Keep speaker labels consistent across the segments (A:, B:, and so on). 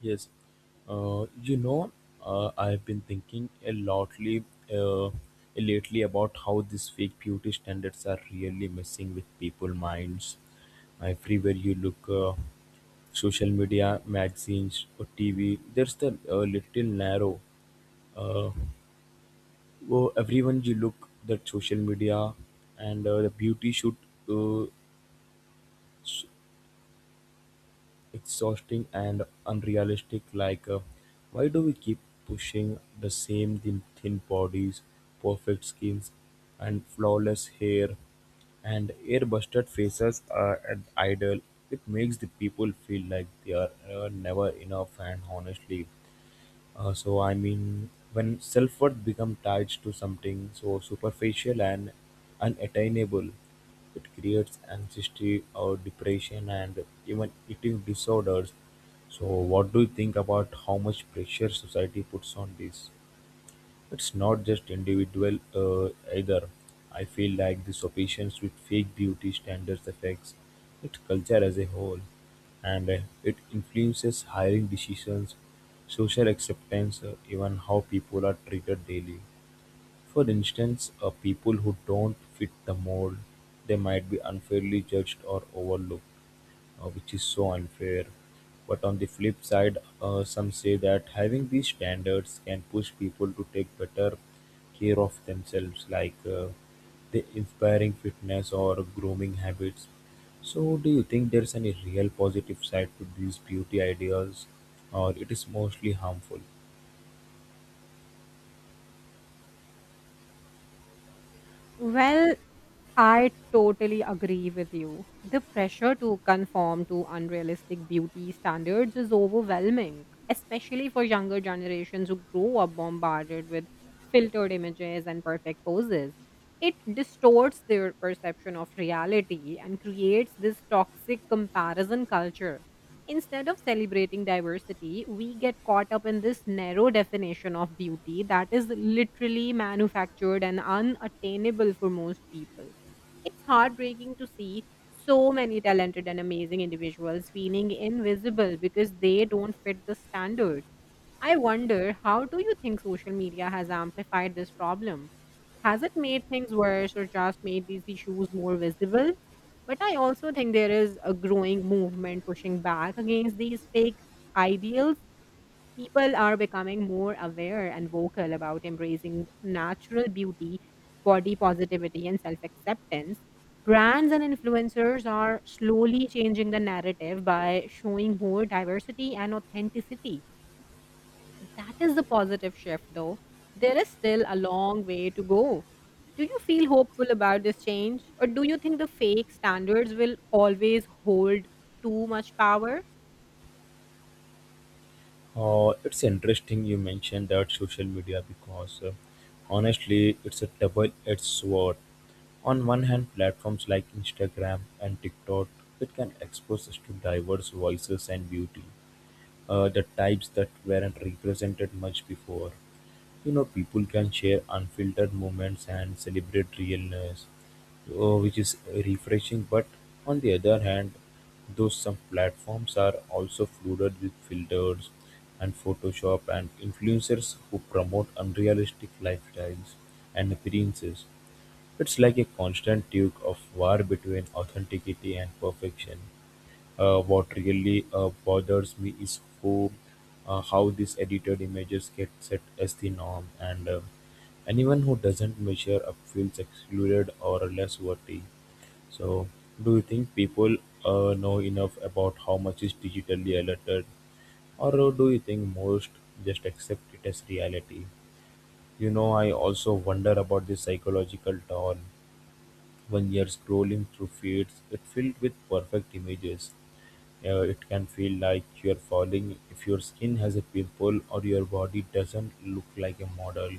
A: Yes, uh, you know, I've been thinking uh, lately about how these fake beauty standards are really messing with people' minds. Everywhere you look, social media, magazines, or TV, there's the little narrow. Uh, oh, everyone you look that social media and the beauty should uh, exhausting and unrealistic like why do we keep pushing the same thin bodies, perfect skins, and flawless hair, and air-busted faces are an idol. It makes the people feel like they are never enough, and honestly, I mean, when self-worth becomes tied to something so superficial and unattainable, it creates anxiety or depression and even eating disorders. So what do you think about how much pressure society puts on this? It's not just individual either. I feel like this obsessions with fake beauty standards affects its culture as a whole, and it influences hiring decisions, social acceptance, even how people are treated daily. For instance, people who don't fit the mold, they might be unfairly judged or overlooked, which is so unfair. But on the flip side, some say that having these standards can push people to take better care of themselves, like, the inspiring fitness or grooming habits. So, do you think there's any real positive side to these beauty ideals, or it is mostly harmful?
B: Well, I totally agree with you. The pressure to conform to unrealistic beauty standards is overwhelming, especially for younger generations who grow up bombarded with filtered images and perfect poses. It distorts their perception of reality and creates this toxic comparison culture. Instead of celebrating diversity, we get caught up in this narrow definition of beauty that is literally manufactured and unattainable for most people. It's heartbreaking to see so many talented and amazing individuals feeling invisible because they don't fit the standard. I wonder, how do you think social media has amplified this problem? Has it made things worse or just made these issues more visible? But I also think there is a growing movement pushing back against these fake ideals. People are becoming more aware and vocal about embracing natural beauty, body positivity, and self acceptance. Brands and influencers are slowly changing the narrative by showing more diversity and authenticity. That is a positive shift, though. There is still a long way to go. Do you feel hopeful about this change, or do you think the fake standards will always hold too much power?
A: It's interesting you mentioned that social media because, honestly, it's a double edged sword. On one hand, platforms like Instagram and TikTok, it can expose us to diverse voices and beauty, the types that weren't represented much before. You know, people can share unfiltered moments and celebrate realness, which is refreshing. But on the other hand, those some platforms are also flooded with filters and photoshop and influencers who promote unrealistic lifestyles and appearances. It's like a constant tug of war between authenticity and perfection. What really bothers me is how these edited images get set as the norm, and anyone who doesn't measure up feels excluded or less worthy. So, do you think people know enough about how much is digitally alerted, or do you think most just accept it as reality? You know, I also wonder about the psychological toll. When you're scrolling through feeds, it filled with perfect images, it can feel like you're falling if your skin has a pimple or your body doesn't look like a model.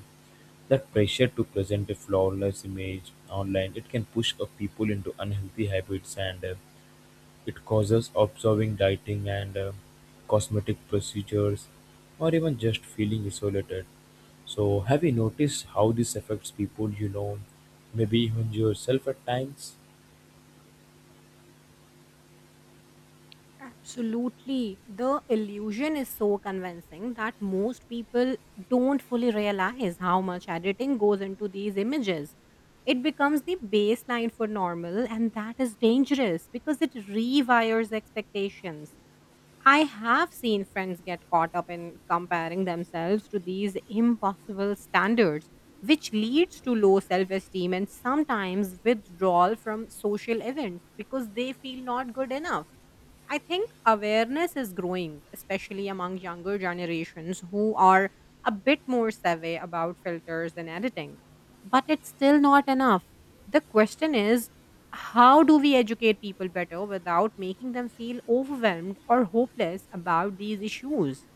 A: That pressure to present a flawless image online, it can push people into unhealthy habits, and it causes observing dieting and cosmetic procedures, or even just feeling isolated. So have you noticed how this affects people you know, maybe even yourself at times?
B: Absolutely. The illusion is so convincing that most people don't fully realize how much editing goes into these images. It becomes the baseline for normal, and that is dangerous because it rewires expectations. I have seen friends get caught up in comparing themselves to these impossible standards, which leads to low self esteem and sometimes withdrawal from social events because they feel not good enough. I think awareness is growing, especially among younger generations who are a bit more savvy about filters and editing. But it's still not enough. The question is, how do we educate people better without making them feel overwhelmed or hopeless about these issues?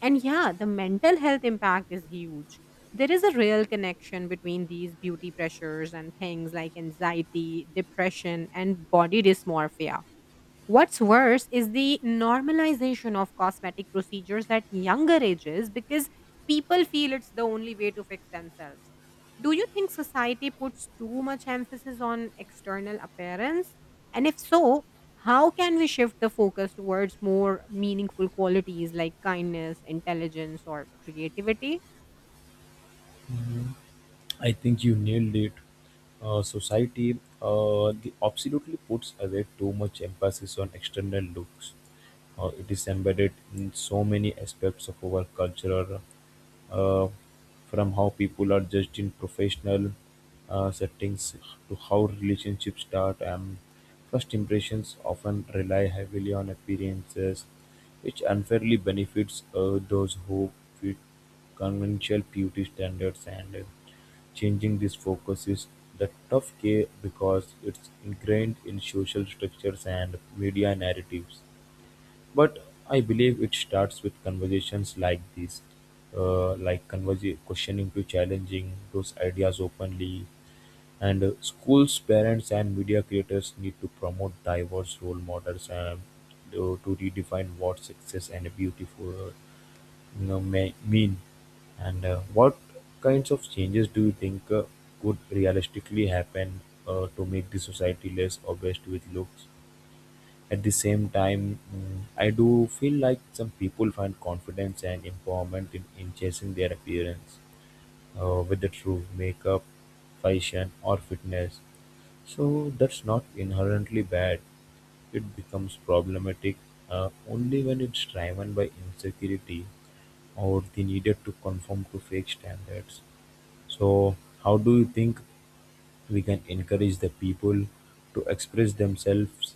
B: And yeah, the mental health impact is huge. There is a real connection between these beauty pressures and things like anxiety, depression, and body dysmorphia. What's worse is the normalization of cosmetic procedures at younger ages because people feel it's the only way to fix themselves. Do you think society puts too much emphasis on external appearance? And if so, how can we shift the focus towards more meaningful qualities like kindness, intelligence, or creativity?
A: I think you nailed it. Society the absolutely puts away too much emphasis on external looks. It is embedded in so many aspects of our culture, uh, from how people are judged in professional settings to how relationships start. And first impressions often rely heavily on appearances, which unfairly benefits those who fit Conventional beauty standards, and changing this focus is the tough key because it's ingrained in social structures and media narratives. But I believe it starts with conversations like this, like questioning to challenging those ideas openly. And schools, parents, and media creators need to promote diverse role models and to redefine what success and beautiful, you know, May mean? And what kinds of changes do you think could realistically happen to make the society less obsessed with looks? At the same time, mm, I do feel like some people find confidence and empowerment in chasing their appearance, whether through makeup, fashion, or fitness. So that's not inherently bad. It becomes problematic only when it's driven by insecurity or they needed to conform to fake standards. So, how do you think we can encourage the people to express themselves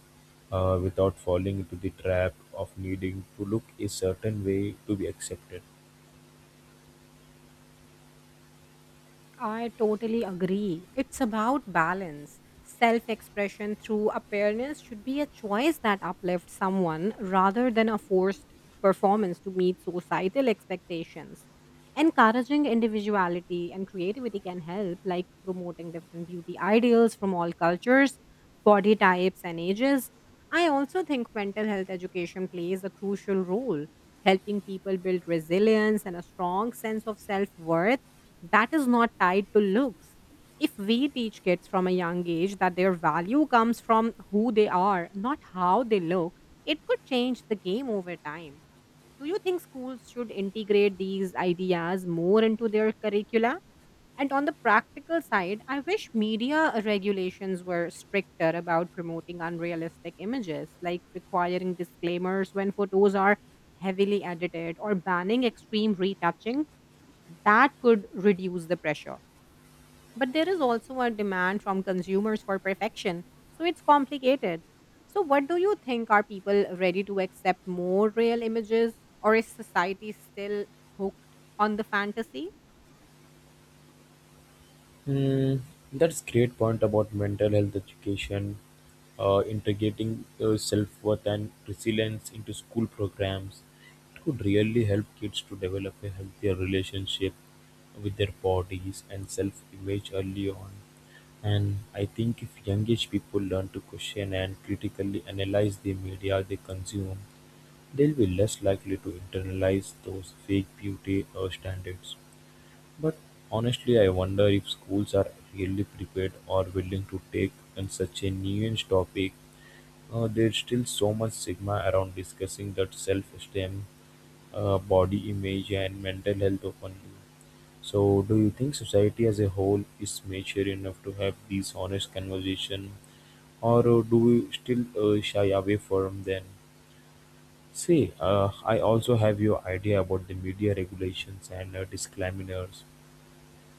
A: without falling into the trap of needing to look a certain way to be accepted?
B: I totally agree. It's about balance. Self expression through appearance should be a choice that uplifts someone rather than a forced performance to meet societal expectations. Encouraging individuality and creativity can help, like promoting different beauty ideals from all cultures, body types, and ages. I also think mental health education plays a crucial role, helping people build resilience and a strong sense of self worth that is not tied to looks. If we teach kids from a young age that their value comes from who they are, not how they look, it could change the game over time. Do you think schools should integrate these ideas more into their curricula? And on the practical side, I wish media regulations were stricter about promoting unrealistic images, like requiring disclaimers when photos are heavily edited or banning extreme retouching. That could reduce the pressure. But there is also a demand from consumers for perfection, so it's complicated. So, what do you think? Are people ready to accept more real images, or is society still hooked on the fantasy?
A: Hmm, that's great point about mental health education, integrating self-worth and resilience into school programs. It could really help kids to develop a healthier relationship with their bodies and self-image early on. And I think if young age people learn to question and critically analyze the media they consume, they'll be less likely to internalize those fake beauty standards. But honestly, I wonder if schools are really prepared or willing to take on such a nuanced topic. There's still so much stigma around discussing that self-esteem, body image, and mental health openly. So do you think society as a whole is mature enough to have these honest conversation, or do we still shy away from them? See, I also have your idea about the media regulations and disclaimers.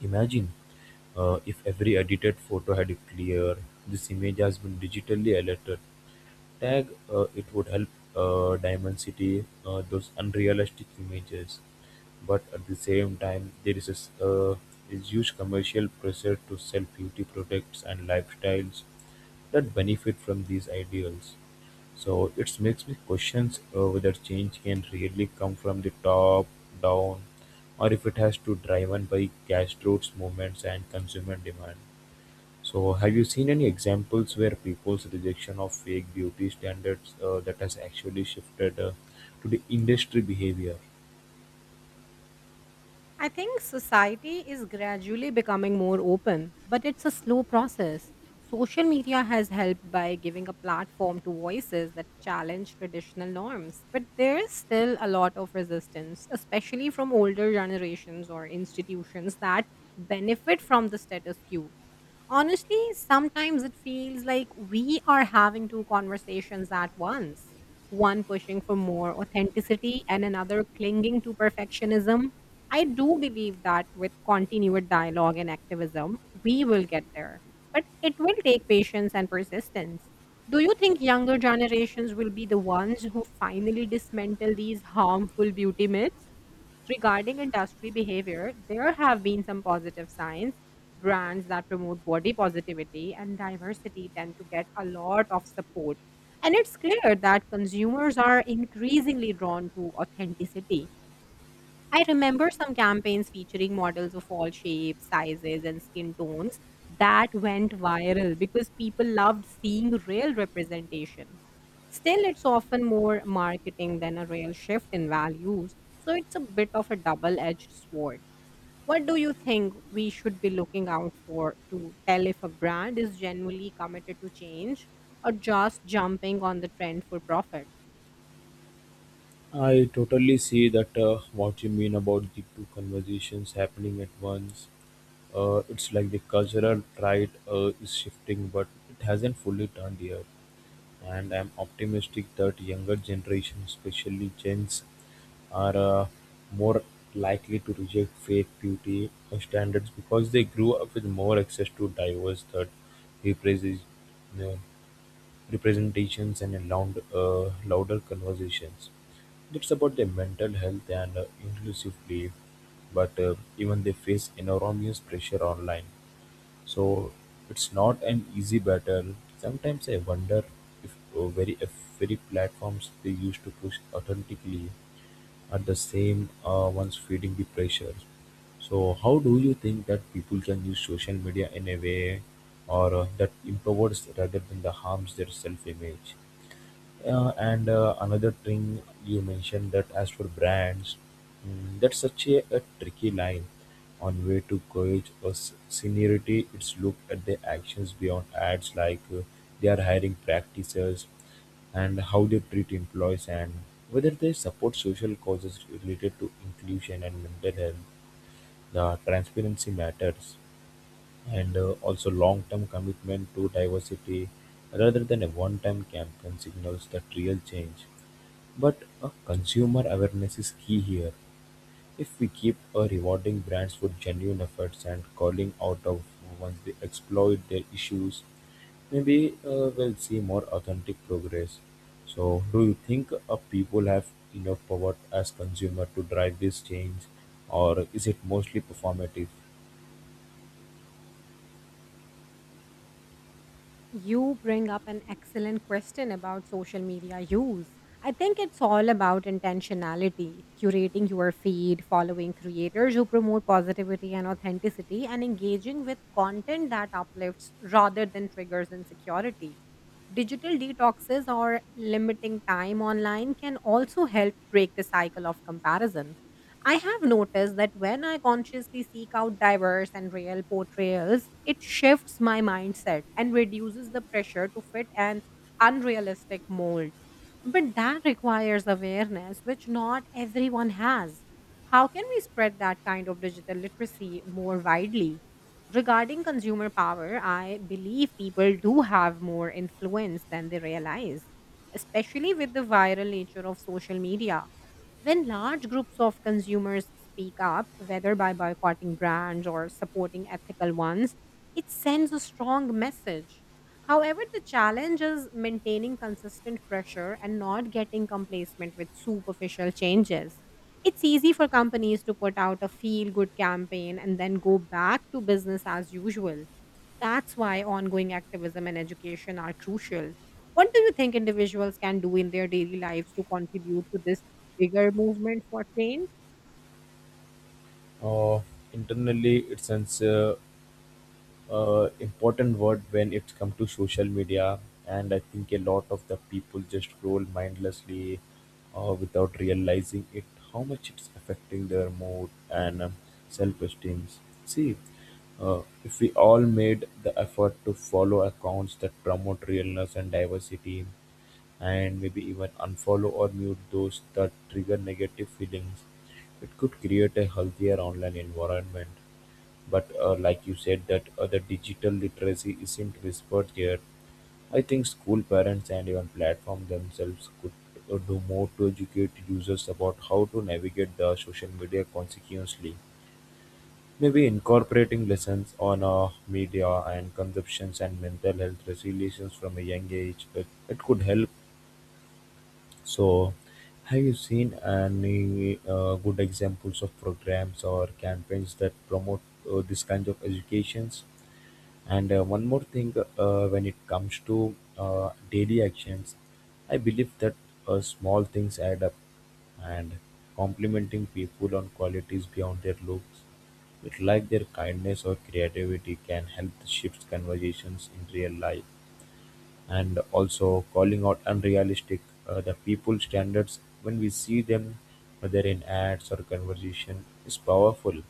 A: Imagine if every edited photo had a clear, this image has been digitally altered tag. It would help dimensity those unrealistic images. But at the same time, there is a s- is huge commercial pressure to sell beauty products and lifestyles that benefit from these ideals. So it makes me questions whether change can really come from the top down, or if it has to driven by grassroots movements and consumer demand. So have you seen any examples where people's rejection of fake beauty standards that has actually shifted to the industry behavior?
B: I think society is gradually becoming more open, but it's a slow process. Social media has helped by giving a platform to voices that challenge traditional norms, but there is still a lot of resistance, especially from older generations or institutions that benefit from the status quo. Honestly, sometimes it feels like we are having two conversations at once: one pushing for more authenticity and another clinging to perfectionism. I do believe that with continued dialogue and activism, we will get there, but it will take patience and persistence. Do you think younger generations will be the ones who finally dismantle these harmful beauty myths? Regarding industry behavior, there have been some positive signs. Brands that promote body positivity and diversity tend to get a lot of support. And it's clear that consumers are increasingly drawn to authenticity. I remember some campaigns featuring models of all shapes, sizes, and skin tones that went viral because people loved seeing real representation. Still, it's often more marketing than a real shift in values, so it's a bit of a double edged sword. What do you think we should be looking out for to tell if a brand is genuinely committed to change or just jumping on the trend for profit?
A: I totally see that what you mean about the two conversations happening at once. It's like the cultural tide is shifting, but it hasn't fully turned yet. And I'm optimistic that younger generation, especially gens, are more likely to reject fake beauty standards because they grew up with more access to diverse represent, uh, representations and louder conversations. It's about their mental health and inclusively, but even they face enormous pressure online, so it's not an easy battle. Sometimes I wonder if very platforms they used to push authentically are the same ones feeding the pressure. So how do you think that people can use social media in a way or that empowers rather than the harms their self-image? Yeah, and another thing you mentioned that as for brands, mm, that's such a tricky line on way to gauge a s- seniority. It's look at the actions beyond ads, like they are hiring practices, and how they treat employees, and whether they support social causes related to inclusion and mental health. The transparency matters, and also long-term commitment to diversity rather than a one-time campaign signals that real change. But consumer awareness is key here. If we keep rewarding brands for genuine efforts and calling out of once they exploit their issues, maybe we'll see more authentic progress. So, do you think people have enough power as consumer to drive this change, or is it mostly performative?
B: You bring up an excellent question about social media use. I think it's all about intentionality, curating your feed, following creators who promote positivity and authenticity, and engaging with content that uplifts rather than triggers insecurity. Digital detoxes or limiting time online can also help break the cycle of comparison. I have noticed that when I consciously seek out diverse and real portrayals, it shifts my mindset and reduces the pressure to fit an unrealistic mold. But that requires awareness, which not everyone has. How can we spread that kind of digital literacy more widely? Regarding consumer power, I believe people do have more influence than they realize, especially with the viral nature of social media. When large groups of consumers speak up, whether by boycotting brands or supporting ethical ones, it sends a strong message. However, the challenge is maintaining consistent pressure and not getting complacent with superficial changes. It's easy for companies to put out a feel good campaign and then go back to business as usual. That's why ongoing activism and education are crucial. What do you think individuals can do in their daily lives to contribute to this bigger movement for change?
A: Uh, Internally, it sends important word when it comes to social media, and I think a lot of the people just scroll mindlessly without realizing it how much it's affecting their mood and self-esteem. See, if we all made the effort to follow accounts that promote realness and diversity, and maybe even unfollow or mute those that trigger negative feelings, it could create a healthier online environment. But like you said that the digital literacy isn't whispered here. I think school parents and even platform themselves could do more to educate users about how to navigate the social media consequently. Maybe incorporating lessons on media and consumptions and mental health resilience from a young age, it could help. So have you seen any good examples of programs or campaigns that promote this kind of educations? And one more thing, when it comes to daily actions, I believe that small things add up, and complimenting people on qualities beyond their looks, with like their kindness or creativity, can help to shift conversations in real life. And also, calling out unrealistic the people standards when we see them, whether in ads or conversation, is powerful.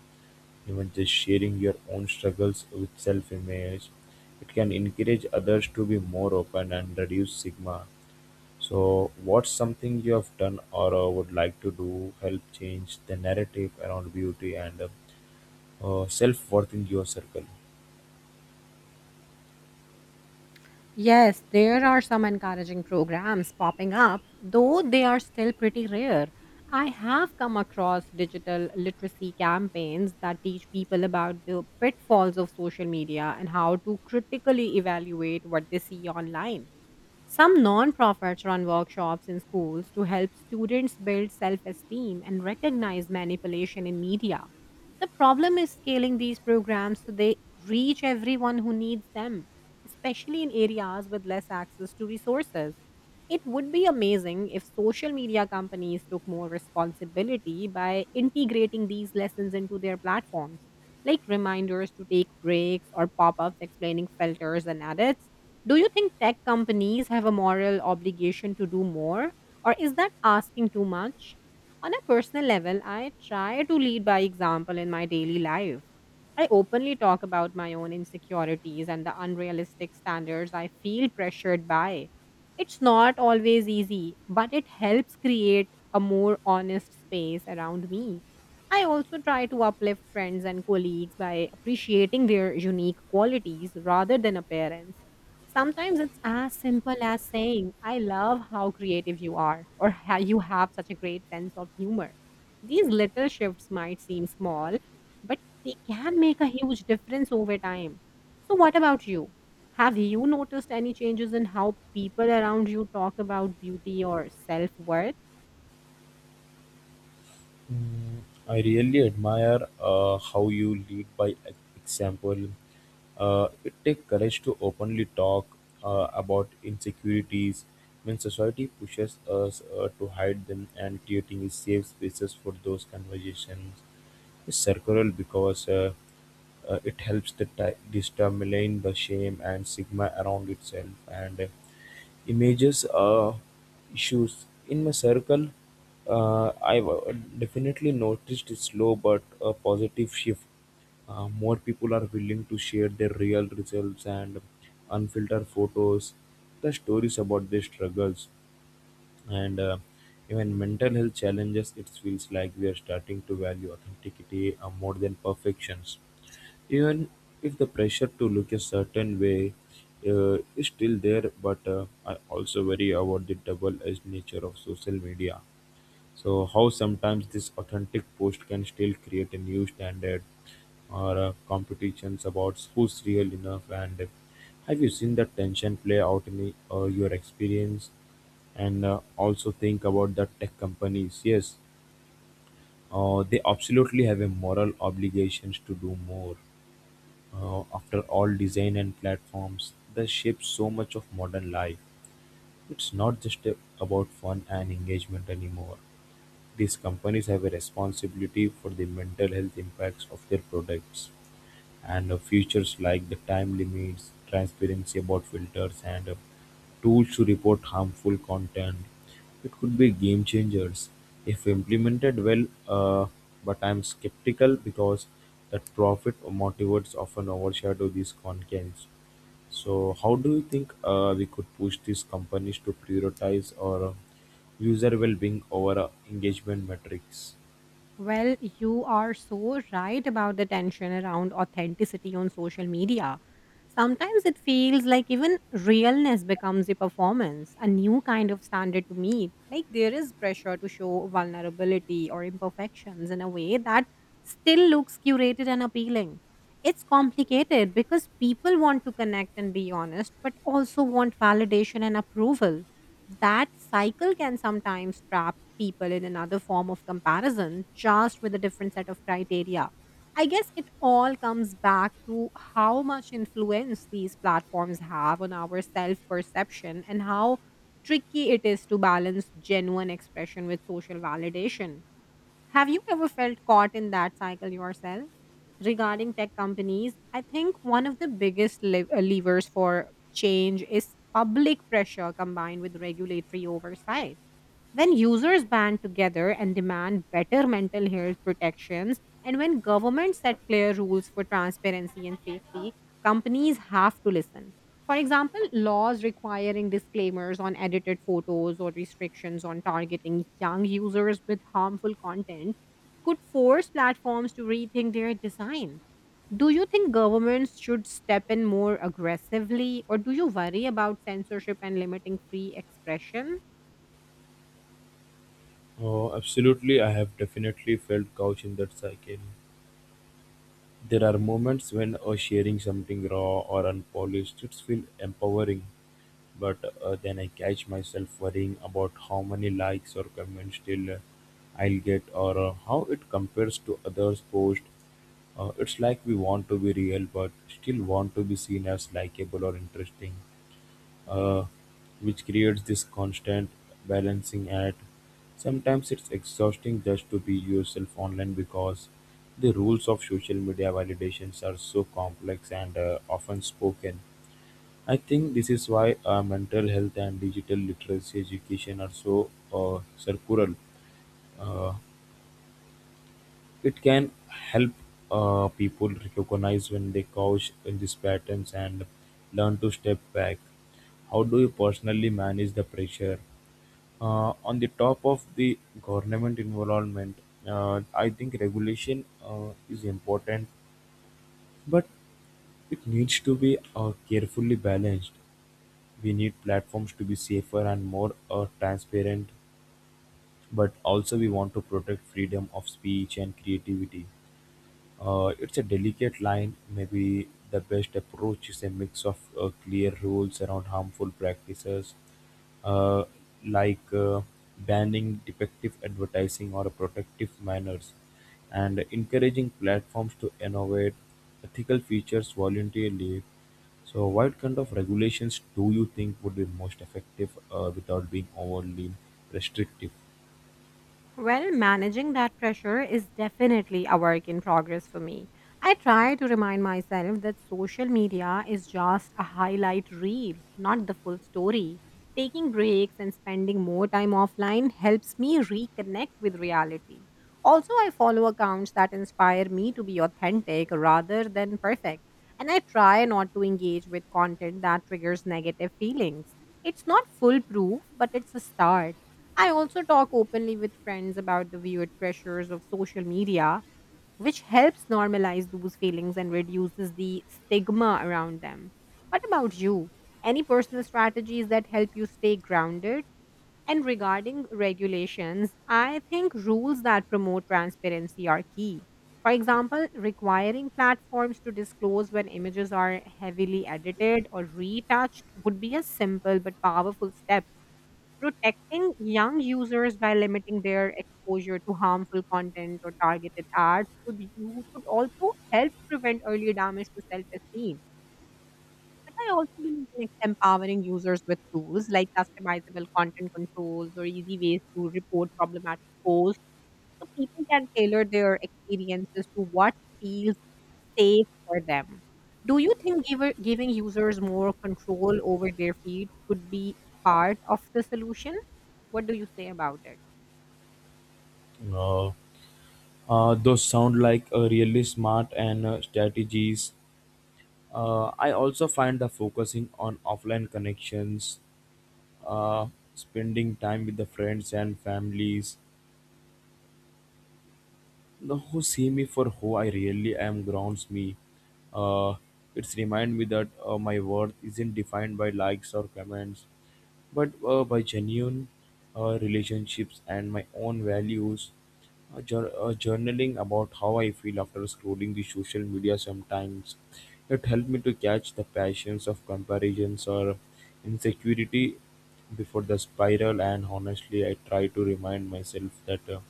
A: Even just sharing your own struggles with self-image, it can encourage others to be more open and reduce stigma. So what's something you have done or would like to do help change the narrative around beauty and self-worth in your circle?
B: Yes, there are some encouraging programs popping up, though they are still pretty rare. I have come across digital literacy campaigns that teach people about the pitfalls of social media and how to critically evaluate what they see online. Some nonprofits run workshops in schools to help students build self esteem and recognize manipulation in media. The problem is scaling these programs so they reach everyone who needs them, especially in areas with less access to resources. It would be amazing if social media companies took more responsibility by integrating these lessons into their platforms, like reminders to take breaks or pop ups explaining filters and edits. Do you think tech companies have a moral obligation to do more, or is that asking too much? On a personal level, I try to lead by example in my daily life. I openly talk about my own insecurities and the unrealistic standards I feel pressured by. It's not always easy, but it helps create a more honest space around me. I also try to uplift friends and colleagues by appreciating their unique qualities rather than appearance. Sometimes it's as simple as saying, I love how creative you are, or how you have such a great sense of humor. These little shifts might seem small, but they can make a huge difference over time. So, what about you? Have you noticed any changes in how people around you talk about beauty or self worth?
A: Mm, I really admire how you lead by example. It takes courage to openly talk about insecurities when society pushes us to hide them, and creating safe spaces for those conversations is circular because it helps to determine the shame and stigma around itself and images issues in my circle. I've definitely noticed a slow but a positive shift. More people are willing to share their real results and unfiltered photos, the stories about their struggles, and even mental health challenges. It feels like we are starting to value authenticity more than perfections, even if the pressure to look a certain way is still there. But I also worry about the double-edged nature of social media, so how sometimes this authentic post can still create a new standard or competitions about who's real enough. And have you seen that tension play out in your experience? And also think about the tech companies. Yes, they absolutely have a moral obligations to do more. After all, design and platforms, they shape so much of modern life. It's not just about fun and engagement anymore. These companies have a responsibility for the mental health impacts of their products, and features like the time limits, transparency about filters, and tools to report harmful content. It could be game changers if implemented well. But I'm skeptical because that profit motivates often overshadow these concerns. So how do you think we could push these companies to prioritize our user well-being over engagement metrics?
B: Well, you are so right about the tension around authenticity on social media. Sometimes it feels like even realness becomes a performance, a new kind of standard to meet. Like there is pressure to show vulnerability or imperfections in a way that still looks curated and appealing. It's complicated because people want to connect and be honest, but also want validation and approval. That cycle can sometimes trap people in another form of comparison, just with a different set of criteria. I guess it all comes back to how much influence these platforms have on our self perception and how tricky it is to balance genuine expression with social validation. Have you ever felt caught in that cycle yourself? Regarding tech companies, I think one of the biggest levers for change is public pressure combined with regulatory oversight. When users band together and demand better mental health protections, and when governments set clear rules for transparency and safety, companies have to listen. For example, laws requiring disclaimers on edited photos or restrictions on targeting young users with harmful content could force platforms to rethink their design. Do you think governments should step in more aggressively, or do you worry about censorship and limiting free expression?
A: Oh, absolutely. I have definitely felt couch in that cycle. There are moments when sharing something raw or unpolished, it feels empowering. But then I catch myself worrying about how many likes or comments still I'll get, or how it compares to others' posts. It's like we want to be real but still want to be seen as likable or interesting, uh, which creates this constant balancing act. Sometimes it's exhausting just to be yourself online because the rules of social media validations are so complex and often spoken. I think this is why mental health and digital literacy education are so circular. Uh, It can help people recognize when they caught in these patterns and learn to step back. How do you personally manage the pressure? On the top of the government involvement, I think regulation is important, but it needs to be carefully balanced. We need platforms to be safer and more transparent, but also we want to protect freedom of speech and creativity. It's a delicate line. Maybe the best approach is a mix of clear rules around harmful practices, uh, like banning defective advertising or protective manners, and encouraging platforms to innovate ethical features voluntarily. So, what kind of regulations do you think would be most effective without being overly restrictive?
B: Well, managing that pressure is definitely a work in progress for me. I try to remind myself that social media is just a highlight reel, not the full story. Taking breaks and spending more time offline helps me reconnect with reality. Also, I follow accounts that inspire me to be authentic rather than perfect, and I try not to engage with content that triggers negative feelings. It's not foolproof, but it's a start. I also talk openly with friends about the weird pressures of social media, which helps normalize those feelings and reduces the stigma around them. What about you? Any personal strategies that help you stay grounded? And regarding regulations, I think rules that promote transparency are key. For example, requiring platforms to disclose when images are heavily edited or retouched would be a simple but powerful step. Protecting young users by limiting their exposure to harmful content or targeted ads could also help prevent early damage to self-esteem. But I also believe in empowering users with tools like customizable content controls or easy ways to report problematic posts, so people can tailor their experiences to what feels safe for them. Do you think giving users more control over their feed could be part of the solution? What do you say about it?
A: Uh, those sound like really smart and strategies. I also find the focusing on offline connections, uh, spending time with the friends and families the who see me for who I really am grounds me. Uh, it's remind me that my worth isn't defined by likes or comments but by genuine relationships and my own values. Journaling about how I feel after scrolling the social media sometimes. It helped me to catch the passions of comparisons or insecurity before the spiral, and honestly, I try to remind myself that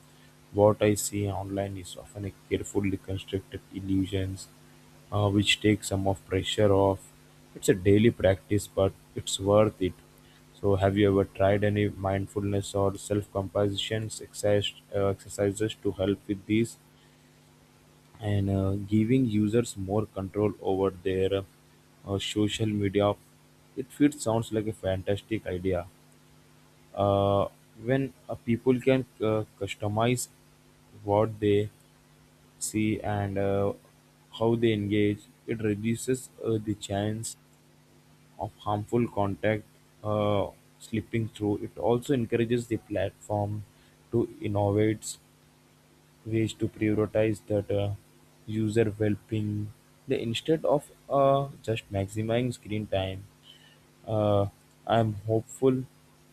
A: what I see online is often a carefully constructed illusions, which takes some of pressure off. It's a daily practice, but it's worth it. So have you ever tried any mindfulness or self-compassion exercises to help with these, and giving users more control over their social media? It feels sounds like a fantastic idea. Uh, when people can customize what they see and how they engage, it reduces the chance of harmful content slipping through. It also encourages the platform to innovate ways to prioritize that user well-being. They instead of just maximizing screen time, uh, I am hopeful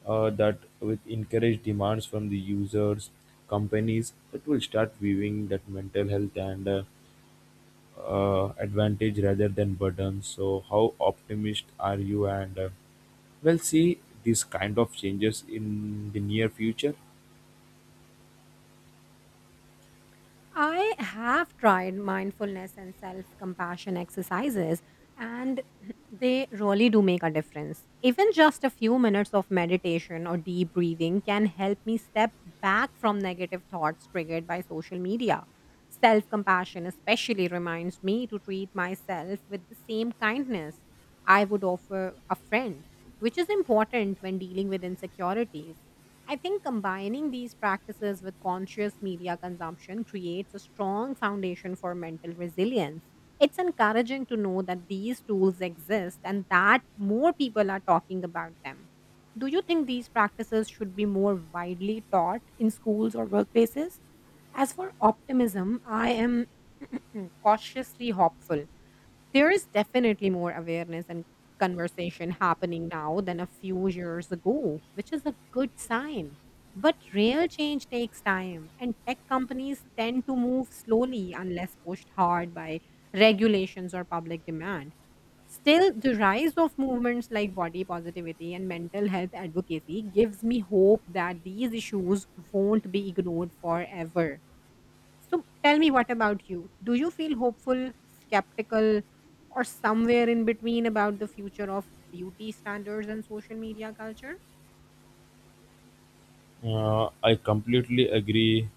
A: that with encouraged demands from the users, companies that will start viewing that mental health and advantage rather than burden. So, how optimist are you? And well, see these kind of changes in the near future.
B: I have tried mindfulness and self compassion exercises, and they really do make a difference. Even just a few minutes of meditation or deep breathing can help me step back from negative thoughts triggered by social media. Self compassion especially reminds me to treat myself with the same kindness I would offer a friend, which is important when dealing with insecurities. I think combining these practices with conscious media consumption creates a strong foundation for mental resilience. It's encouraging to know that these tools exist and that more people are talking about them. Do you think these practices should be more widely taught in schools or workplaces? As for optimism, I am cautiously hopeful. There is definitely more awareness and conversation happening now than a few years ago, which is a good sign. But real change takes time, and tech companies tend to move slowly unless pushed hard by regulations or public demand. Still, the rise of movements like body positivity and mental health advocacy gives me hope that these issues won't be ignored forever. So tell me, what about you? Do you feel hopeful, skeptical, or somewhere in between about the future of beauty standards and social media culture?
A: I completely agree.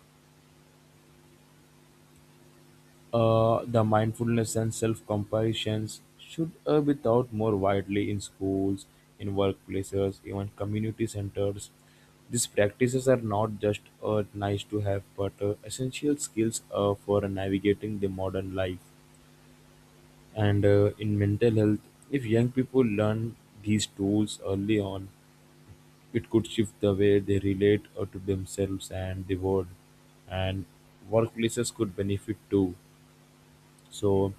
A: The mindfulness and self comparisons should be taught more widely in schools, in workplaces, even community centers. These practices are not just nice to have, but essential skills for navigating the modern life and in mental health. If young people learn these tools early on, it could shift the way they relate to themselves and the world, and workplaces could benefit too. So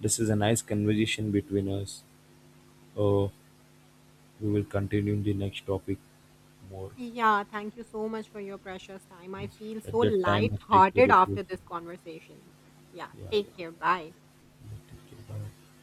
A: this is a nice conversation between us. uh, we will continue in the next topic more.
B: Yeah, thank you so much for your precious time. I
A: Yes.
B: feel
A: At
B: so
A: that time, take care
B: light-hearted
A: of yourself.
B: after this conversation. Yeah,
A: Yeah, yeah,
B: take care. Bye.
A: take care. Bye.